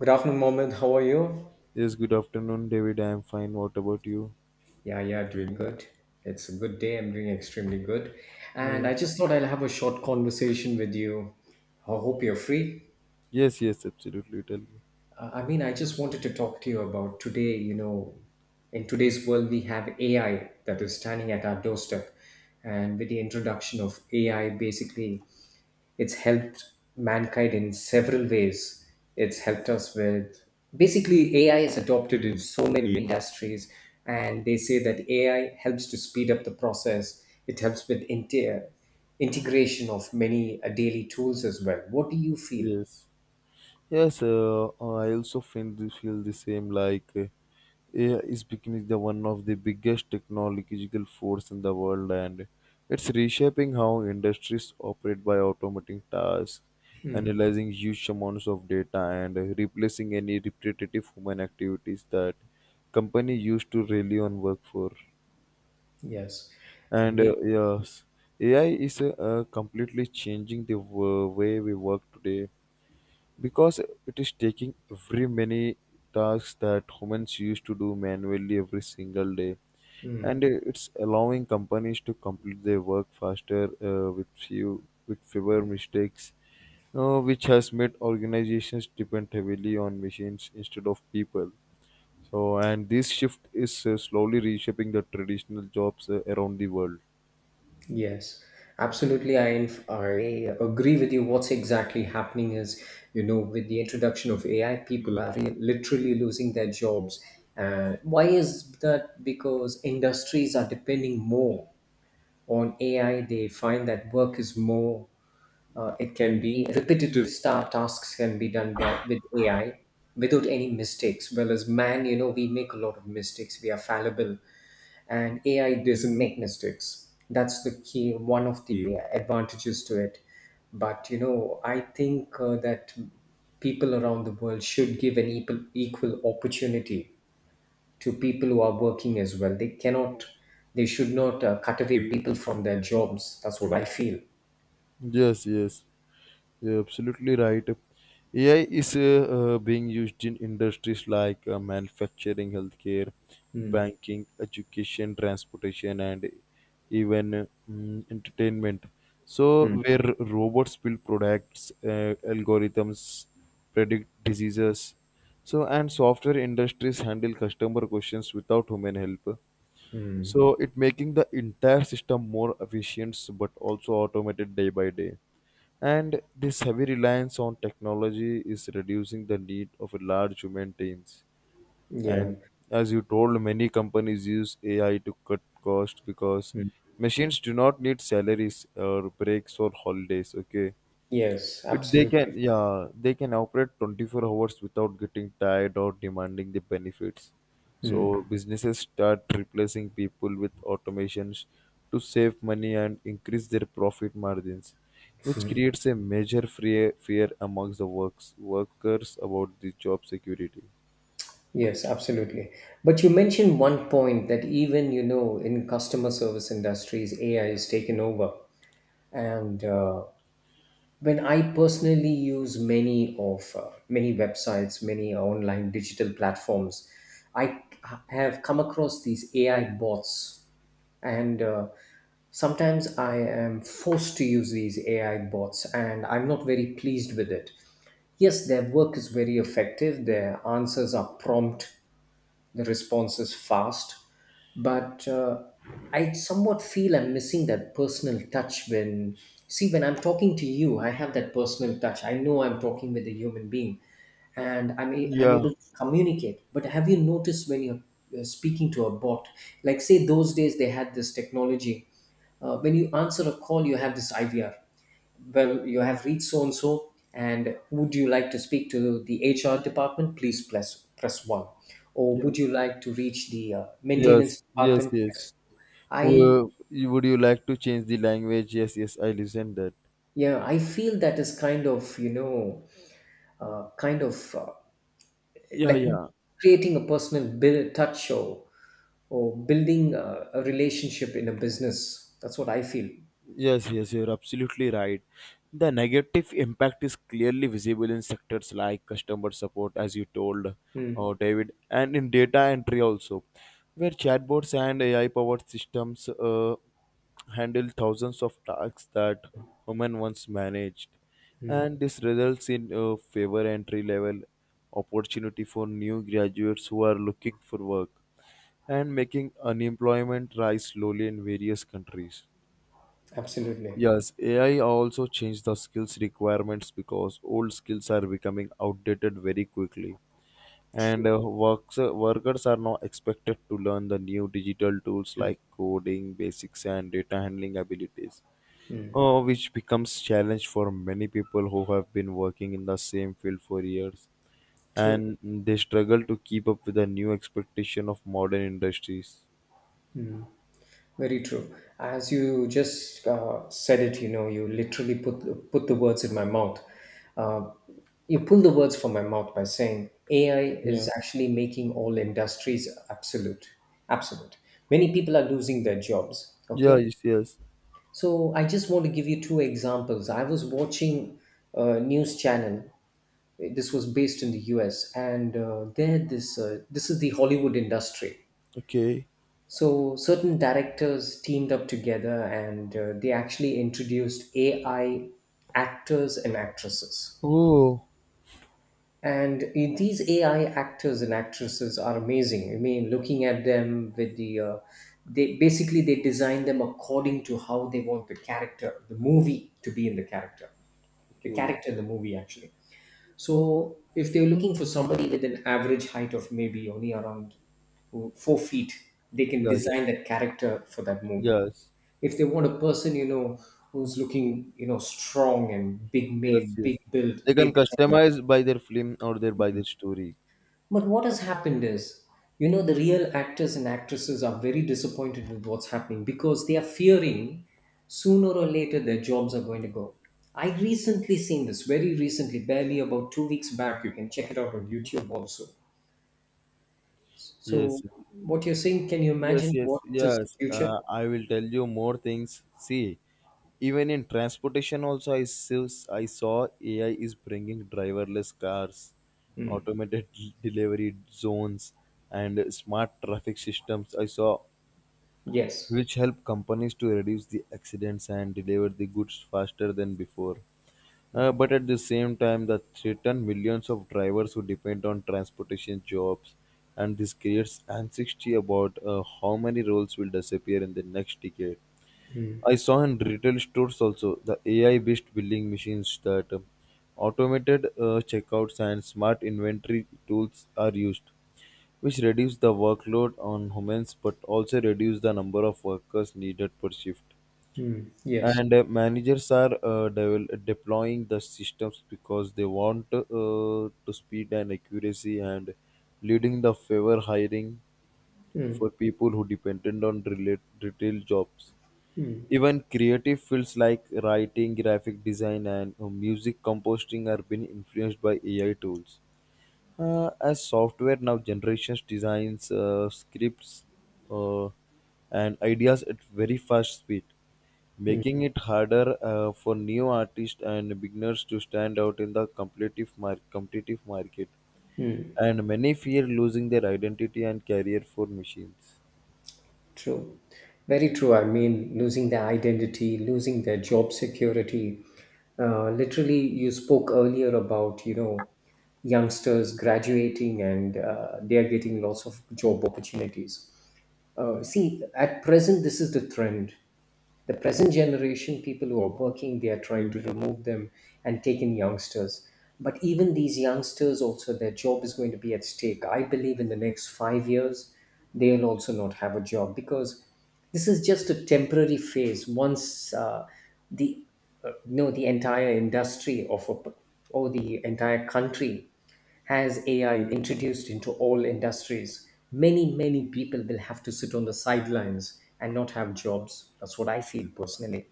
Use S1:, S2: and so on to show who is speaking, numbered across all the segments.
S1: Good afternoon, Mohammed. How are you?
S2: Yes, good afternoon, David. I am fine. What about you?
S1: Yeah, yeah, doing good. It's a good day. I'm doing extremely good. And I
S2: Yes.
S1: just thought I'll have a short conversation with you. I hope you're free.
S2: Yes, yes, absolutely. Tell me.
S1: I just wanted to talk to you about today, you know, in today's world, we have AI that is standing at our doorstep. And with the introduction of AI, basically, it's helped mankind in several ways. It's helped us with basically AI is adopted in so many industries, and they say that AI helps to speed up the process. It helps with integration of many daily tools as well. What do you feel?
S2: Yes. Yes, I also feel feel the same. Like, AI is becoming the one of the biggest technological force in the world, and it's reshaping how industries operate by automating tasks,
S1: Mm,
S2: analyzing huge amounts of data, and replacing any repetitive human activities that company used to rely on work for.
S1: yes, I
S2: And
S1: mean.
S2: yes, AI is completely changing the way we work today because it is taking very many tasks that humans used to do manually every single day. And it's allowing companies to complete their work faster with fewer mistakes, which has made organizations depend heavily on machines instead of people. So, and this shift is slowly reshaping the traditional jobs around the world.
S1: Yes, absolutely. I agree with you. What's exactly happening is, you know, with the introduction of AI, people are literally losing their jobs. Why is that? Because industries are depending more on AI. They find that work is more, it can be repetitive star tasks can be done by with AI without any mistakes. Well, as man, you know, we make a lot of mistakes. We are fallible and AI doesn't make mistakes. That's the key, one of the advantages to it. But you know, I think that people around the world should give an equal opportunity to people who are working as well. They should not cut away people from their jobs. That's what I feel.
S2: Yes, yes, you're absolutely right. AI is being used in industries like manufacturing, healthcare, banking, education, transportation, and even entertainment. So,
S1: Hmm.
S2: where robots build products, algorithms predict diseases, so and software industries handle customer questions without human help. So it making the entire system more efficient but also automated day by day. And this heavy reliance on technology is reducing the need of a large human teams.
S1: Yeah.
S2: And as you told, many companies use AI to cut costs because
S1: Hmm.
S2: machines do not need salaries or breaks or holidays. Okay,
S1: Yes, absolutely.
S2: yeah, they can operate 24 hours without getting tired or demanding the benefits. So businesses start replacing people with automations to save money and increase their profit margins, which creates a major fear amongst the workers about the job security.
S1: Yes, absolutely. But you mentioned one point that even, you know, in customer service industries, AI is taken over. And when I personally use many of many websites, many online digital platforms, I have come across these AI bots. And sometimes I am forced to use these AI bots and I'm not very pleased with it. Yes, their work is very effective, their answers are prompt, the response is fast, but I somewhat feel I'm missing that personal touch. When I'm talking to you, I have that personal touch. I know I'm talking with a human being and I'm
S2: Yeah.
S1: able to communicate. But have you noticed when you're speaking to a bot, like say those days they had this technology, when you answer a call, you have this IVR. Well, you have reached so and so, and would you like to speak to the HR department? Please press 1. Or
S2: Yes.
S1: would you like to reach the
S2: Yes.
S1: maintenance
S2: Yes.
S1: department?
S2: Yes.
S1: Press. I
S2: Would you like to change the language? Yes. Yes. I listen that.
S1: Yeah, I feel that is kind of, you know, uh, kind of uh,
S2: Yeah.
S1: like
S2: Yeah.
S1: creating a personal build, touch, or building a relationship in a business. That's what I feel.
S2: Yes, yes, you're absolutely right. The negative impact is clearly visible in sectors like customer support, as you told,
S1: Mm,
S2: David, and in data entry also, where chatbots and AI powered systems handle thousands of tasks that human once managed.
S1: mm,
S2: And this results in favor entry level opportunity for new graduates who are looking for work and making unemployment rise slowly in various countries.
S1: absolutely.
S2: Yes, AI also changed the skills requirements because old skills are becoming outdated very quickly.
S1: True.
S2: And workers are now expected to learn the new digital tools
S1: Mm,
S2: like coding, basics, and data handling abilities,
S1: mm,
S2: which becomes challenge for many people who have been working in the same field for years,
S1: true.
S2: and they struggle to keep up with the new expectation of modern industries.
S1: Mm. Very true. As you just said it, you know, you literally put the words in my mouth. Uh, you pull the words from my mouth by saying AI is
S2: Yeah.
S1: actually making all industries absolute, absolute. Many people are losing their jobs.
S2: Yeah.
S1: Okay,
S2: Yes. Yes.
S1: so I just want to give you two examples. I was watching a news channel. This was based in the U.S. and there, this this is the Hollywood industry.
S2: Okay.
S1: So certain directors teamed up together and they actually introduced AI actors and actresses.
S2: Oh.
S1: And these AI actors and actresses are amazing. I mean, looking at them with the, they basically they design them according to how they want the character, the movie to be in the
S2: Okay.
S1: character in the movie actually. So if they're looking for somebody with an average height of maybe only around 4 feet, they can
S2: Yeah. Yeah.
S1: design that character for that movie.
S2: Yes,
S1: If they want a person, you know, who's looking, you know, strong and big
S2: yes,
S1: made, big
S2: yes.
S1: built,
S2: They
S1: they
S2: can
S1: design it.
S2: customize by their film or their story.
S1: But what has happened is, you know, the real actors and actresses are very disappointed with what's happening because they are fearing sooner or later their jobs are going to go. I recently seen this very recently, barely about 2 weeks back. You can check it out on YouTube also. So
S2: Yes,
S1: what you're saying, can you
S2: yes,
S1: imagine
S2: yes,
S1: what is the
S2: yes.
S1: future?
S2: I will tell you more things. See, even in transportation, also I saw AI is bringing driverless cars, automated delivery zones, and smart traffic systems. I saw
S1: Yes.
S2: which help companies to reduce the accidents and deliver the goods faster than before. But at the same time, that threaten millions of drivers who depend on transportation jobs, and this creates anxiety about how many roles will disappear in the next decade. I saw in retail stores also the AI-based billing machines that automated checkouts and smart inventory tools are used, which reduce the workload on humans but also reduce the number of workers needed per shift
S1: Hmm. Yes.
S2: and managers are deploying the systems because they want to speed and accuracy and leading the favor hiring for people who dependent on retail jobs, even creative fields like writing graphic design and music composing are being influenced by AI tools, as software now generations designs scripts, uh, and ideas at very fast speed, making it harder for new artists and beginners to stand out in the competitive market, and many fear losing their identity and career for machines.
S1: True. Very true. I mean, losing their identity, losing their job security. Literally, you spoke earlier about, you know, youngsters graduating and they are getting lots of job opportunities. See, at present, this is the trend. The present generation people who are working, they are trying to remove them and take in youngsters. But even these youngsters, also, their job is going to be at stake. I believe in the next 5 years, they'll also not have a job because this is just a temporary phase. Once the no, the entire industry of or the entire country, as AI introduced into all industries, many, many people will have to sit on the sidelines and not have jobs. That's what I feel personally.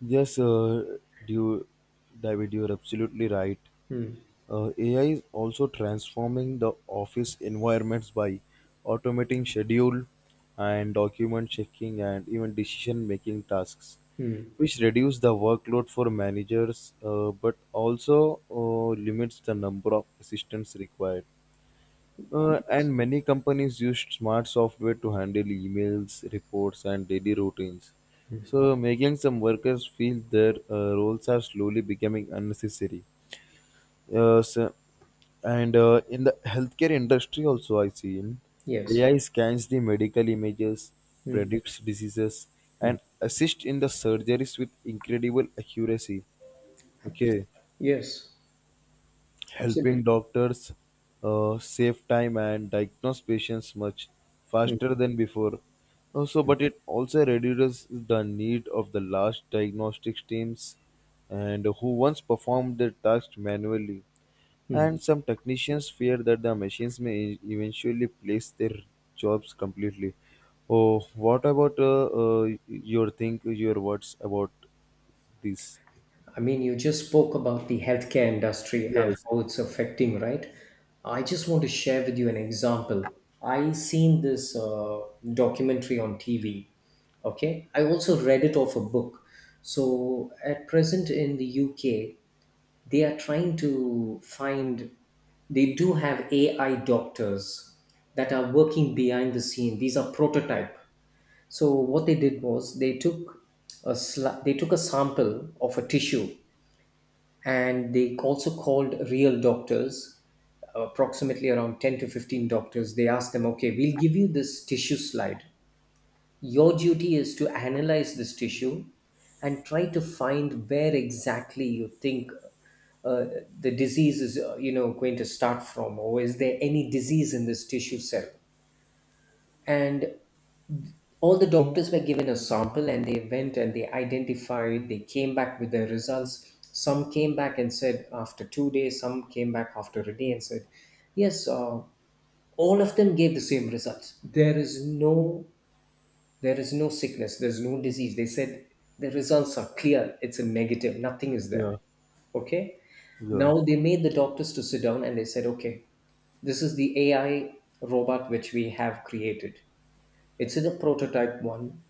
S2: Yes, you, David, you're absolutely right.
S1: Mm,
S2: AI is also transforming the office environments by automating schedule and document checking and even decision making tasks,
S1: mm.
S2: which reduce the workload for managers but also limits the number of assistants required. And many companies used smart software to handle emails, reports, and daily routines. So, making some workers feel their roles are slowly becoming unnecessary. Yes, and in the healthcare industry also I see
S1: Yes.
S2: AI scans the medical images,
S1: Mm.
S2: predicts diseases, and assists in the surgeries with incredible accuracy.
S1: Abs-
S2: Okay,
S1: Yes.
S2: helping
S1: Absolutely.
S2: doctors save time and diagnose patients much faster
S1: Mm,
S2: than before. Also, but it also reduces the need of the large diagnostics teams and who once performed their tasks manually.
S1: mm.
S2: And some technicians fear that the machines may eventually place their jobs completely. Oh, what about your words about this?
S1: I mean, you just spoke about the healthcare industry and
S2: Yes,
S1: how it's affecting, right? I just want to share with you an example. I seen this documentary on TV. Okay, I also read it off a book. So at present in the UK, they are trying to find. They do have AI doctors that are working behind the scene. These are prototype. So what they did was they took they took a sample of a tissue, and they also called real doctors, approximately around 10 to 15 doctors. They asked them, okay, we'll give you this tissue slide. Your duty is to analyze this tissue and try to find where exactly you think uh, the disease is, you know, going to start from, or is there any disease in this tissue cell. And all the doctors were given a sample and they went and they identified, they came back with their results. Some came back and said after 2 days, some came back after a day and said, yes, all of them gave the same results. There is no sickness, there's no disease. They said the results are clear. It's a negative. Nothing is there.
S2: yeah,
S1: Okay.
S2: yeah,
S1: Now they made the doctors to sit down and they said, okay, this is the AI robot which we have created. It's in a prototype one.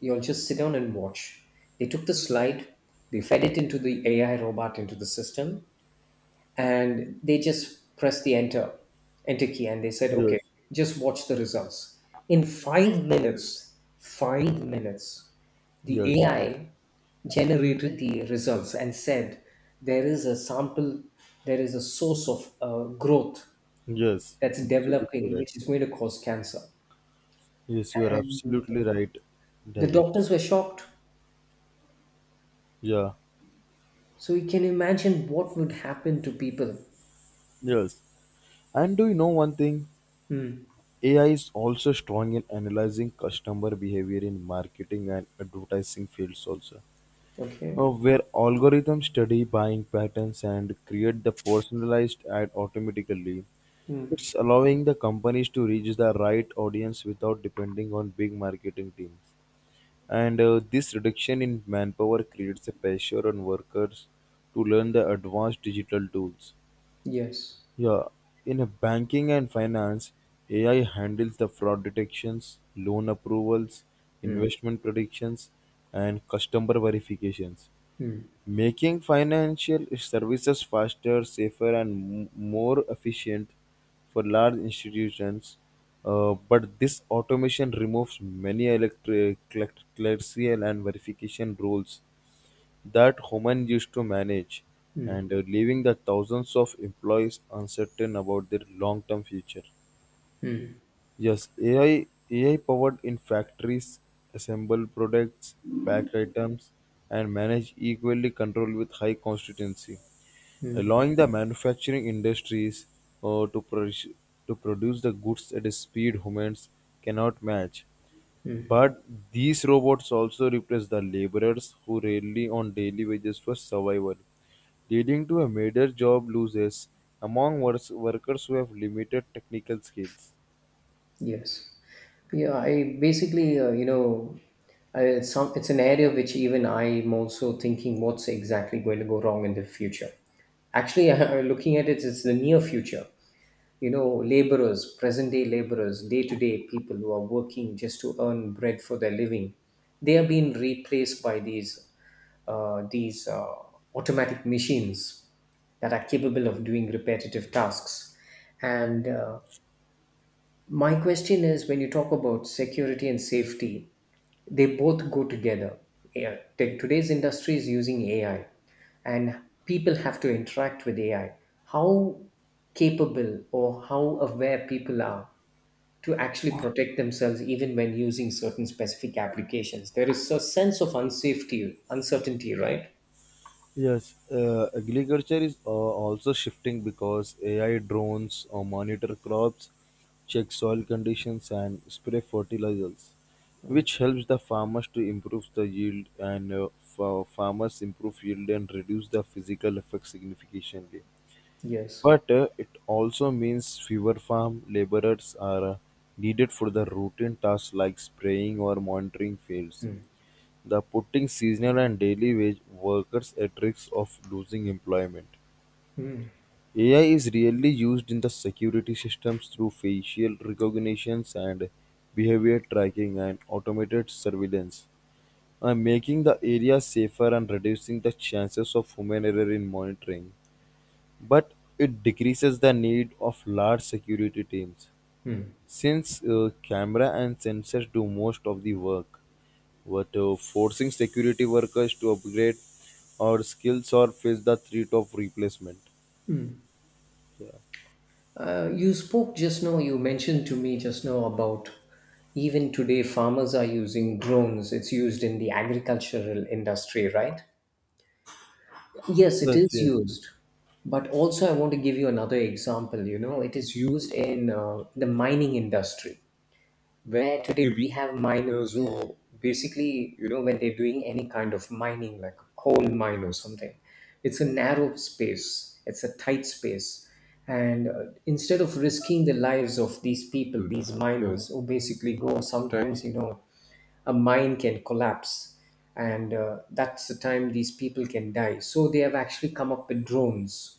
S1: You'll just sit down and watch. They took the slide, they fed it into the AI robot into the system, and they just pressed the enter key and they said, okay,
S2: yes,
S1: just watch the results. In 5 minutes, 5 minutes, the
S2: yes.
S1: AI generated the results and said there is a sample, there is a source of growth
S2: Yes,
S1: that's
S2: absolutely
S1: developing
S2: right.
S1: which is going to cause cancer.
S2: Yes, you are
S1: And
S2: absolutely right,
S1: the
S2: David.
S1: doctors were shocked.
S2: Yeah,
S1: So you can imagine what would happen to people.
S2: yes. And do you know one thing?
S1: Hmm.
S2: AI is also strong in analyzing customer behavior in marketing and advertising fields also.
S1: Okay.
S2: Where algorithms study buying patterns and create the personalized ad automatically.
S1: Hmm.
S2: It's allowing the companies to reach the right audience without depending on big marketing teams. And this reduction in manpower creates a pressure on workers to learn the advanced digital tools.
S1: Yes.
S2: Yeah, in a banking and finance, AI handles the fraud detections, loan approvals,
S1: Hmm.
S2: investment predictions, and customer verifications.
S1: Hmm.
S2: Making financial services faster, safer, and more efficient for large institutions. But this automation removes many clerical and verification roles that humans used to manage, and leaving the thousands of employees uncertain about their long term future.
S1: Hmm.
S2: Yes, AI powered in factories assemble products, pack items, and manage equally control with high consistency, allowing the manufacturing industries uh, to produce to produce the goods at a speed humans cannot match. But these robots also replace the laborers who rely on daily wages for survival, leading to a major job losses among workers who have limited technical skills.
S1: Yes. Yeah. I basically, you know, it's some. It's an area which even I'm also thinking what's exactly going to go wrong in the future. Actually, looking at it, it's the near future. You know, laborers, present day laborers, day to day people who are working just to earn bread for their living, they are being replaced by these uh, these uh, automatic machines that are capable of doing repetitive tasks. And my question is, when you talk about security and safety, they both go together. Yeah, today's industry is using AI, and people have to interact with AI. How capable or how aware people are to actually protect themselves, even when using certain specific applications. There is a sense of unsafety, uncertainty, right?
S2: Yes, agriculture is also shifting because AI drones monitor crops, check soil conditions, and spray fertilizers, which helps the farmers to improve the yield and farmers improve yield and reduce the physical effect significantly.
S1: Yes.
S2: But it also means fewer farm laborers are needed for the routine tasks like spraying or monitoring fields. The putting seasonal and daily wage workers at risk of losing employment. AI is really used in the security systems through facial recognitions and behavior tracking and automated surveillance, and making the area safer and reducing the chances of human error in monitoring. But it decreases the need of large security teams
S1: Hmm.
S2: since camera and sensors do most of the work. But forcing security workers to upgrade our skills or face the threat of replacement. Yeah.
S1: You spoke just now, you mentioned to me just now about even today farmers are using drones. It's used in the agricultural industry, right? Yes, it
S2: Yes,
S1: is
S2: yes,
S1: used. But also, I want to give you another example. You know, it is used in the mining industry, where today we have miners who basically, you know, when they're doing any kind of mining, like a coal mine or something, it's a narrow space, it's a tight space. And instead of risking the lives of these people, these miners who basically go sometimes, a mine can collapse, and that's the time these people can die, so they have actually come up with drones.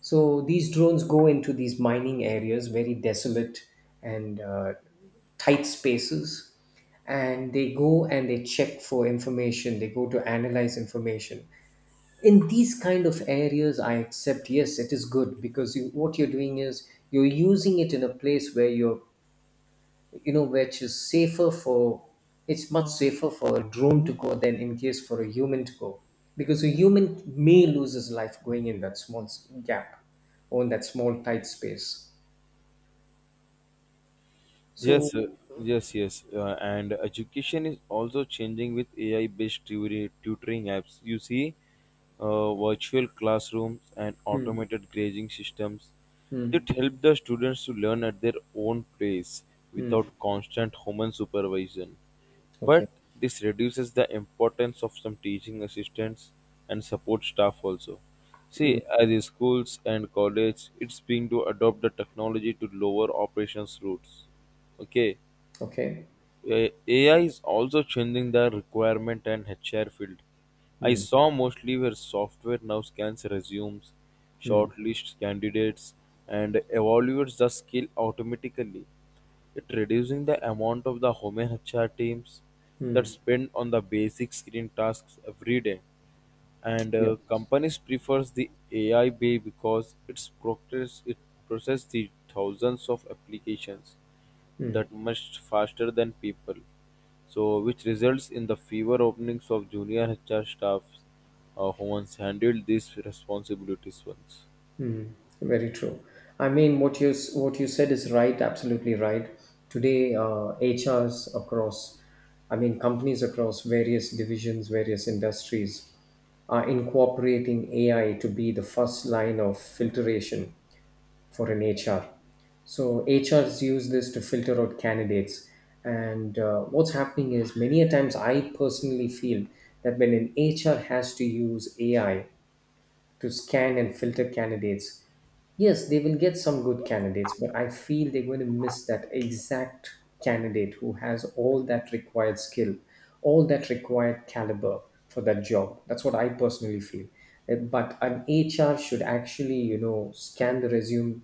S1: So these drones go into these mining areas, very desolate and tight spaces, and they go and they check for information, they go to analyze information in these kind of areas. I accept, yes, it is good, because what you're doing is you're using it in a place where you're you know which is safer for It's much safer for a drone to go than in case for a human to go, because a human may lose his life going in that small gap or in that small tight space, so.
S2: yes, yes, yes. And education is also changing with AI-based tutoring apps. You see, virtual classrooms and
S1: Mm.
S2: automated grading systems
S1: Mm.
S2: that help the students to learn at their own pace
S1: Mm.
S2: without constant human supervision.
S1: Okay.
S2: But this reduces the importance of some teaching assistants and support staff also. See,
S1: Mm.
S2: as in schools and college, it's being to adopt the technology to lower operations routes. Okay,
S1: Okay.
S2: AI is also changing the requirement and HR field. I saw mostly where software now scans resumes, shortlists candidates, and evaluates the skill automatically. It reducing the amount of the human HR teams that spend on the basic screen tasks every day and
S1: Yes.
S2: companies prefers the AI Bay because it processes the thousands of applications that much faster than people. So, which results in the fewer openings of junior HR staffs who once handled these responsibilities once.
S1: Very true. I mean, what you said is right, absolutely right. Today, HRs across, I mean, companies across various divisions, various industries, are incorporating AI to be the first line of filtration for an HR. So HRs use this to filter out candidates. And what's happening is many a times I personally feel that when an HR has to use AI to scan and filter candidates, yes, they will get some good candidates, but I feel they're going to miss that exact candidate who has all that required skill, all that required caliber for that job. That's what I personally feel. But an HR should actually, you know, scan the resume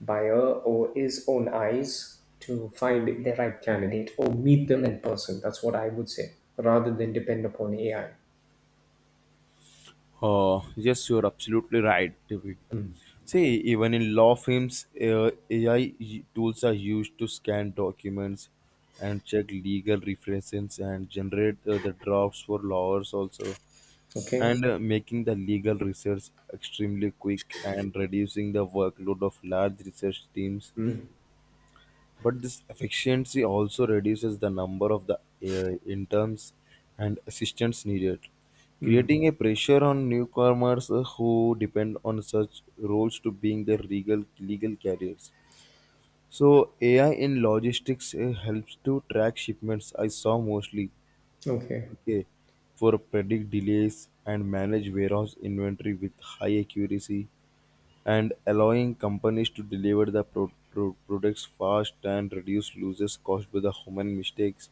S1: by her or his own eyes to find the right candidate or meet them in person. That's what I would say, rather than depend upon AI.
S2: Oh, yes, you're absolutely right, David. See, even in law firms, AI tools are used to scan documents and check legal references and generate the drafts for lawyers also,
S1: Okay.
S2: and making the legal research extremely quick and reducing the workload of large research teams. But this efficiency also reduces the number of the interns and assistants needed,
S1: Hmm.
S2: creating a pressure on newcomers who depend on such roles to being their legal carriers. So AI in logistics helps to track shipments. I saw mostly
S1: Okay.
S2: okay for predict delays and manage warehouse inventory with high accuracy and allowing companies to deliver the products fast and reduce losses caused by the human mistakes.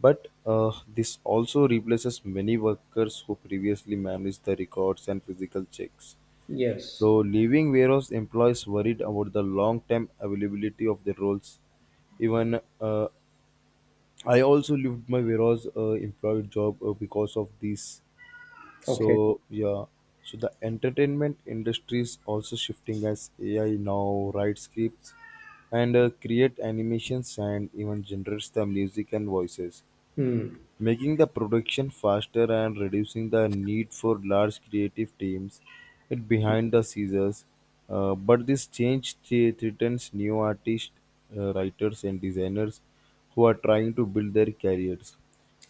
S2: But this also replaces many workers who previously managed the records and physical checks.
S1: Yes.
S2: So, leaving warehouse employees worried about the long term availability of their roles. Even I also left my warehouse employee job because of this
S1: Okay.
S2: so yeah, so the entertainment industry is also shifting as AI now writes scripts and create animations and even generates the music and voices,
S1: Hmm.
S2: making the production faster and reducing the need for large creative teams it behind the scenes. But this change threatens new artists, writers, and designers who are trying to build their careers.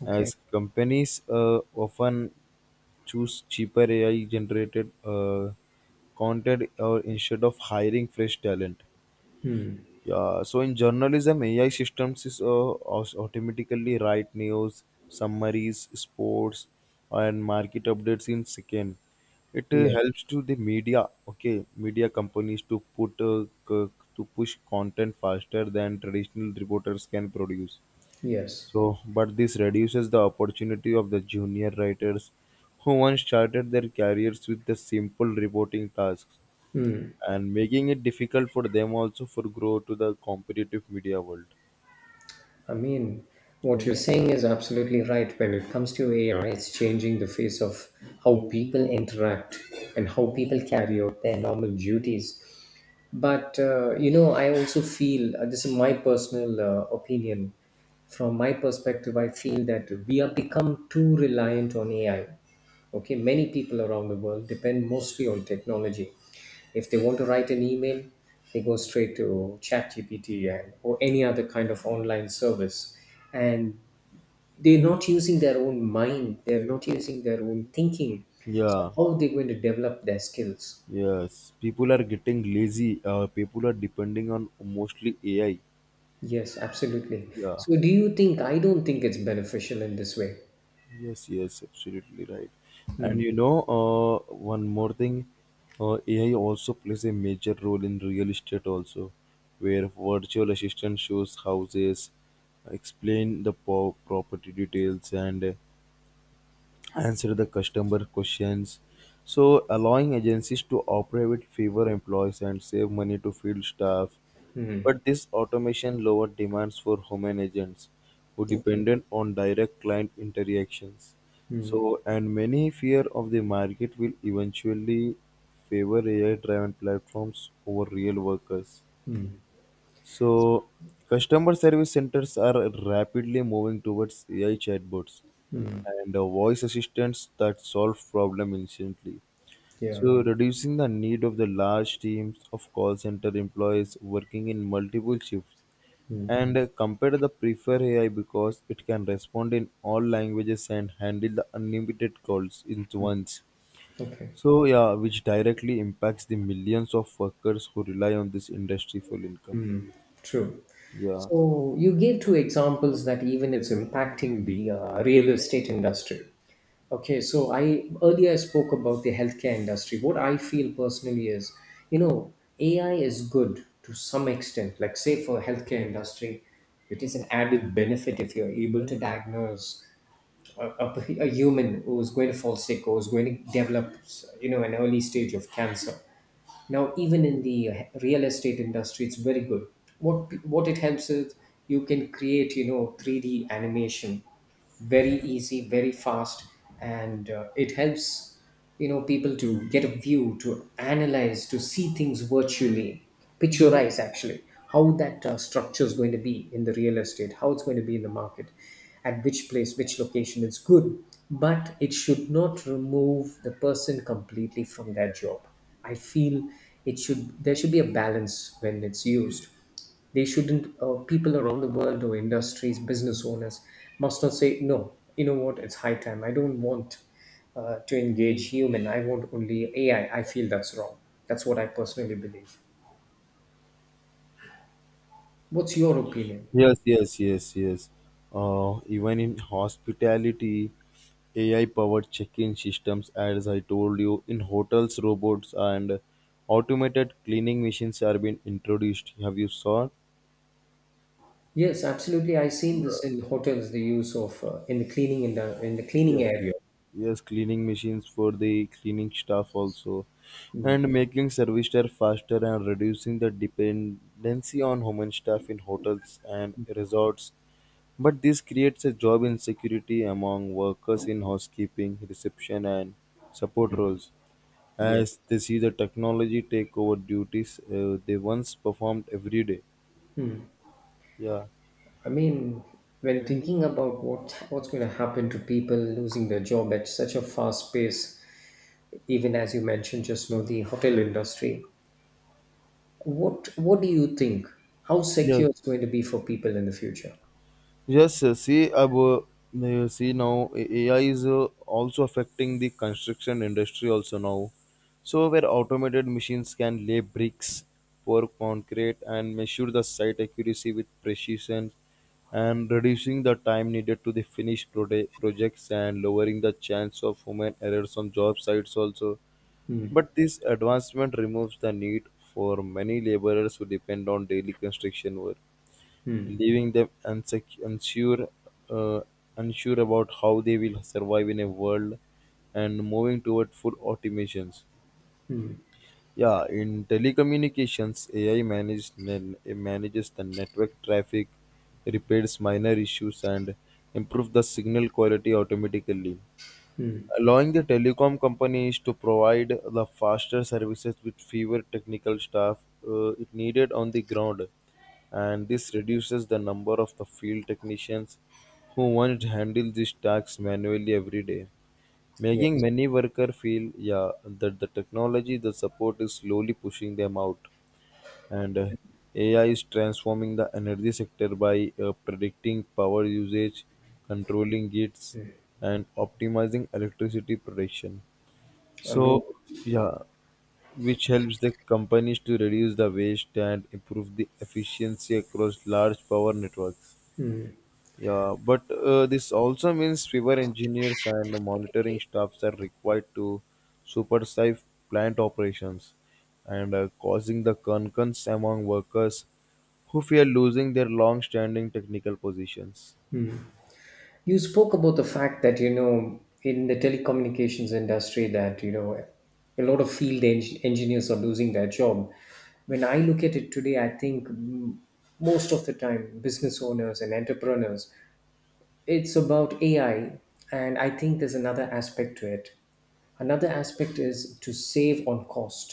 S1: Okay.
S2: As companies often choose cheaper AI generated content instead of hiring fresh talent.
S1: Hmm.
S2: Yeah, so in journalism, AI systems is automatically write news, summaries, sports, and market updates in second. It
S1: Yes,
S2: helps to the media, okay, media companies to put to push content faster than traditional reporters can produce.
S1: yes.
S2: So, but this reduces the opportunity of the junior writers who once started their careers with the simple reporting tasks, and making it difficult for them also for grow to the competitive media world.
S1: I mean, what you're saying is absolutely right. When it comes to AI, it's changing the face of how people interact and how people carry out their normal duties. But, I also feel this is my personal opinion. From my perspective, I feel that we have become too reliant on AI. Okay, many people around the world depend mostly on technology. If they want to write an email, they go straight to ChatGPT and or any other kind of online service, and they're not using their own mind. They're not using their own thinking. So
S2: Yeah.
S1: how are they going to develop their skills?
S2: Yes, people are getting lazy. People are depending on mostly ai.
S1: Yes, absolutely.
S2: Yeah.
S1: So do you think? I don't think it's beneficial in this way.
S2: Yes, yes, absolutely right.
S1: Hmm.
S2: And you know, one more thing. Ai also plays a major role in real estate also, where virtual assistant shows houses, explain the property details, and answer the customer questions, so allowing agencies to operate with fewer employees and save money to field staff.
S1: Hmm.
S2: But this automation lowered demands for human agents who
S1: Okay.
S2: depended on direct client interactions.
S1: Hmm.
S2: So and many fear of the market will eventually favor ai driven platforms over real workers.
S1: Hmm.
S2: So, customer service centers are rapidly moving towards AI chatbots and voice assistants that solve problem instantly.
S1: Yeah.
S2: So, reducing the need of the large teams of call center employees working in multiple shifts.
S1: Hmm.
S2: And compared to the prefer AI because it can respond in all languages and handle the unlimited calls in once.
S1: Okay.
S2: So, yeah, which directly impacts the millions of workers who rely on this industry for income.
S1: True.
S2: Yeah.
S1: So you gave two examples that even it's impacting the real estate industry. Okay, so I earlier I spoke about the healthcare industry. What I feel personally is, you know, AI is good to some extent. Like say for healthcare industry, it is an added benefit if you're able to diagnose a, a, a human who is going to fall sick or is going to develop, an early stage of cancer. Now even in the real estate industry, it's very good. What it helps is, you can create, 3D animation, very easy, very fast. And it helps, people to get a view, to analyze, to see things virtually, picturize actually how that structure is going to be in the real estate, how it's going to be in the market, at which place, which location is good. But it should not remove the person completely from their job, I feel. It should there should be a balance when it's used. They shouldn't people around the world or industries, business owners must not say no. You know what? It's high time. I don't want to engage human. I want only AI. I feel that's wrong. That's what I personally believe. What's your opinion?
S2: Yes, yes, yes, yes. Even in hospitality, AI-powered check-in systems, as I told you, in hotels, robots and automated cleaning machines are being introduced. Have you saw?
S1: Yes, absolutely. I've seen this in hotels. The use of in the cleaning, in the cleaning
S2: Yeah.
S1: area.
S2: Yes, cleaning machines for the cleaning staff also,
S1: Mm.
S2: and making service staff faster and reducing the dependency on human staff in hotels and resorts. But this creates a job insecurity among workers in housekeeping, reception, and support roles,
S1: Yeah.
S2: as they see the technology take over duties they once performed every day. Yeah.
S1: I mean, when thinking about what's going to happen to people losing their job at such a fast pace, even as you mentioned just now, the hotel industry, what do you think? How
S2: Yes.
S1: secure it's going to be for people in the future?
S2: Yes, see now AI is also affecting the construction industry also now. So where automated machines can lay bricks, pour concrete, and measure the site accuracy with precision, and reducing the time needed to the finished projects and lowering the chance of human errors on job sites also. But this advancement removes the need for many laborers who depend on daily construction work, leaving them unsure, uh, unsure about how they will survive in a world and moving toward full automations. Yeah, in telecommunications, AI manages the network traffic, repairs minor issues, and improves the signal quality automatically, allowing the telecom companies to provide the faster services with fewer technical staff it needed on the ground. And this reduces the number of the field technicians who once handled these tasks manually every day, making
S1: Yes,
S2: many workers feel yeah that the technology the support is slowly pushing them out. And AI is transforming the energy sector by predicting power usage, controlling it, and optimizing electricity production.
S1: I
S2: So,
S1: mean,
S2: yeah, which helps the companies to reduce the waste and improve the efficiency across large power networks. Yeah, but this also means fewer engineers and monitoring staffs are required to supervise plant operations, and causing the concerns among workers who fear losing their long standing technical positions.
S1: you spoke about the fact that in the telecommunications industry that a lot of field engineers are losing their job. When I look at it today, I think, most of the time, business owners and entrepreneurs, it's about AI, and I think there's another aspect to it. Another aspect is to save on cost.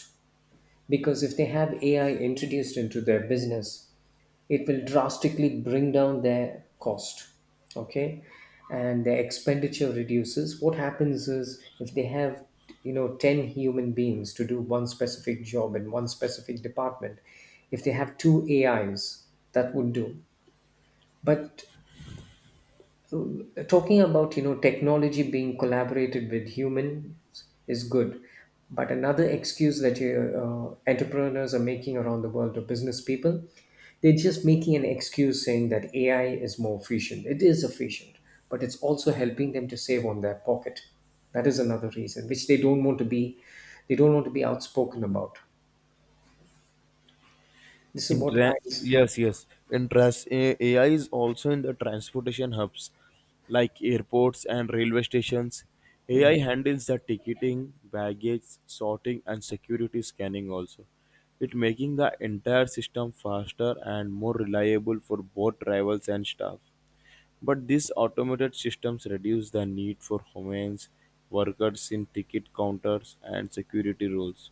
S1: Because if they have AI introduced into their business, it will drastically bring down their cost. Okay. And their expenditure reduces. What happens is, if they have, 10 human beings to do one specific job in one specific department, if they have two AIs, that would do. But talking about, technology being collaborated with humans is good, but another excuse that entrepreneurs are making around the world, or business people, they're just making an excuse saying that AI is more efficient, it is efficient, but it's also helping them to save on their pocket. That is another reason which they don't want to be they don't want to be outspoken about. This is what I
S2: Yes, yes. AI is also in the transportation hubs like airports and railway stations. AI handles the ticketing, baggage sorting, and security scanning also. It making the entire system faster and more reliable for both drivers and staff. But these automated systems reduce the need for humans, workers in ticket counters and security roles,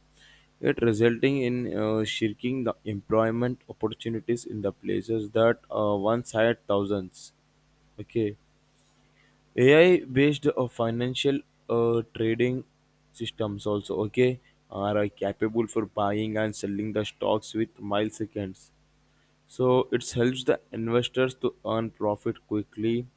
S2: yet resulting in shrinking the employment opportunities in the places that once had thousands. Okay, AI based financial trading systems also, okay, are capable for buying and selling the stocks with milliseconds, so it helps the investors to earn profit quickly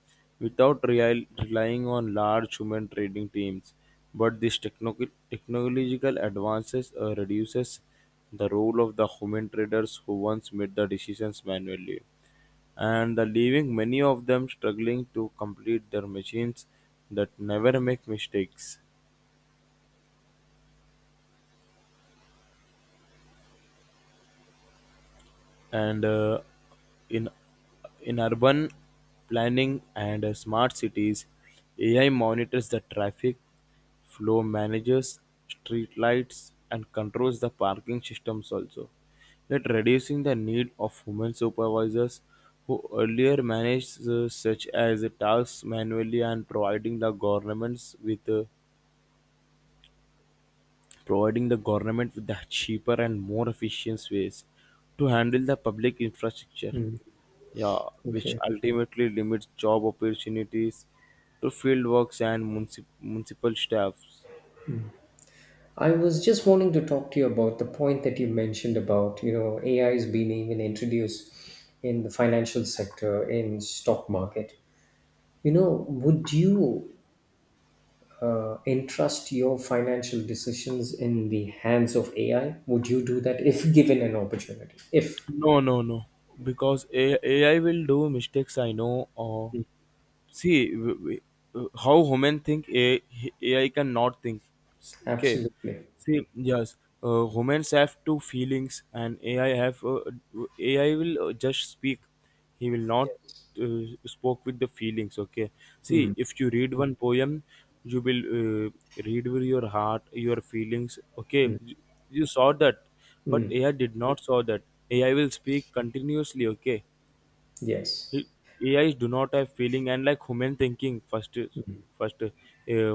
S2: without relying on large human trading teams. But this technological advances reduces the role of the human traders who once made the decisions manually, and the leaving many of them struggling to complete their machines that never make mistakes. And in in urban planning and smart cities, ai monitors the traffic flow, manages street lights, and controls the parking systems also, that reducing the need of human supervisors who earlier managed such as tasks manually and providing the governments with providing the government with the cheaper and more efficient ways to handle the public infrastructure, yeah, which
S1: Okay.
S2: ultimately limits job opportunities to field works and municipal staffs.
S1: I was just wanting to talk to you about the point that you mentioned about, AI is being even introduced in the financial sector, in stock market. Would you entrust your financial decisions in the hands of AI? Would you do that if given an opportunity? If,
S2: No, no, no, because AI will do mistakes. I know. See w- w- how women think ai cannot think. Okay.
S1: absolutely.
S2: See, yes. Humans have two feelings, and ai have ai will just speak, he will not
S1: Yes.
S2: spoke with the feelings, okay.
S1: Mm,
S2: See, if you read one poem, you will read with your heart, your feelings, okay,
S1: mm,
S2: you saw that. But
S1: mm.
S2: ai did not saw that. Ai will speak continuously, okay.
S1: Yes.
S2: AIs do not have feeling, and like human thinking, first,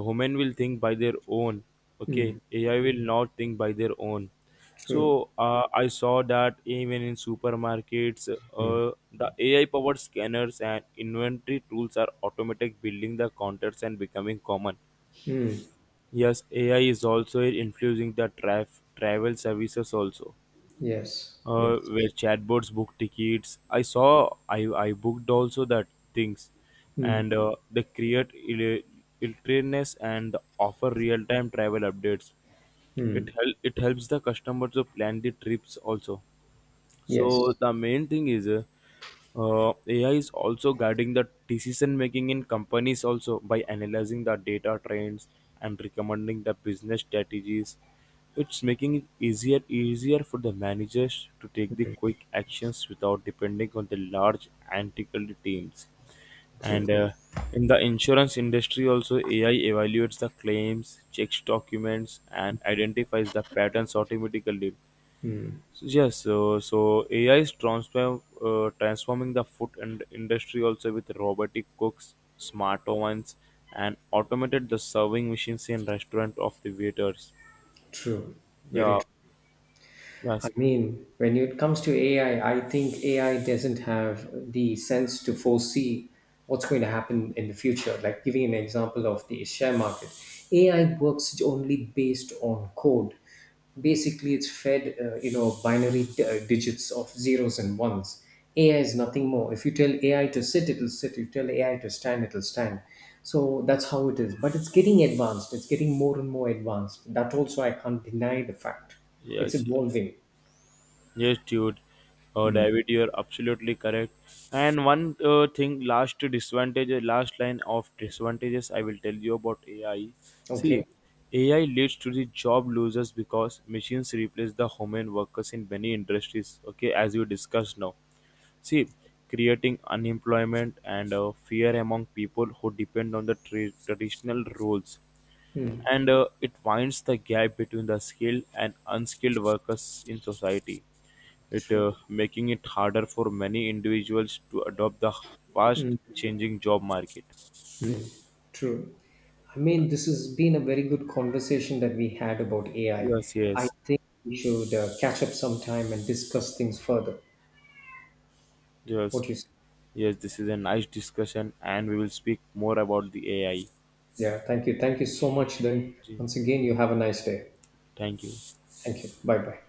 S2: human will think by their own. Okay,
S1: Mm,
S2: AI will not think by their own.
S1: true.
S2: So I saw that even in supermarkets,
S1: Mm,
S2: uh, the AI-powered scanners and inventory tools are automatic, building the counters and becoming common.
S1: mm.
S2: Yes, AI is also influencing the travel services also,
S1: Yes. Yes.
S2: where chatbots book tickets. I saw I booked also that things,
S1: Mm,
S2: and they create illness and offer real time travel updates.
S1: mm.
S2: It helps the customer to plan the trips also. So
S1: Yes.
S2: the main thing is AI is also guiding the decision making in companies also by analyzing the data trends and recommending the business strategies. It's making it easier for the managers to take the quick actions without depending on the large antiquated teams.
S1: True.
S2: And in the insurance industry also AI evaluates the claims, checks documents, and identifies the patterns automatically. Yes, so AI is transforming the food and industry also with robotic cooks, smart ovens, and automated the serving machines in restaurant of the waiters.
S1: True. Very
S2: Yeah,
S1: I
S2: yes,
S1: mean, when it comes to AI, I think AI doesn't have the sense to foresee what's going to happen in the future. Like giving an example of the share market, AI works only based on code. Basically, it's fed, binary digits of zeros and ones. AI is nothing more. If you tell AI to sit, it'll sit. You tell AI to stand, it'll stand. So that's how it is. But it's getting advanced. It's getting more and more advanced. That also I can't deny the fact. It's
S2: yes, yes.
S1: evolving.
S2: Yes, dude,
S1: Hmm.
S2: David, you're absolutely correct. And one thing, last disadvantage, last line of disadvantages I will tell you about AI. See,
S1: Okay.
S2: AI leads to the job losers because machines replace the human workers in many industries. Okay, as you discussed now. See, creating unemployment and fear among people who depend on the traditional roles,
S1: Hmm.
S2: and it winds the gap between the skilled and unskilled workers in society, it
S1: True.
S2: making it harder for many individuals to adopt the fast
S1: Hmm.
S2: changing job market.
S1: Mm. True. I mean,
S2: Yes,
S1: this has been a very good conversation that we had about AI. I
S2: yes,
S1: I
S2: yes,
S1: think we should catch up sometime and discuss things further. What
S2: yes,
S1: do you say?
S2: yes, this is a nice discussion and we will speak more about the ai.
S1: Yeah. Thank you. Thank you so much. Then
S2: Gee,
S1: once again, you have a nice day.
S2: thank you.
S1: Thank you. Bye bye.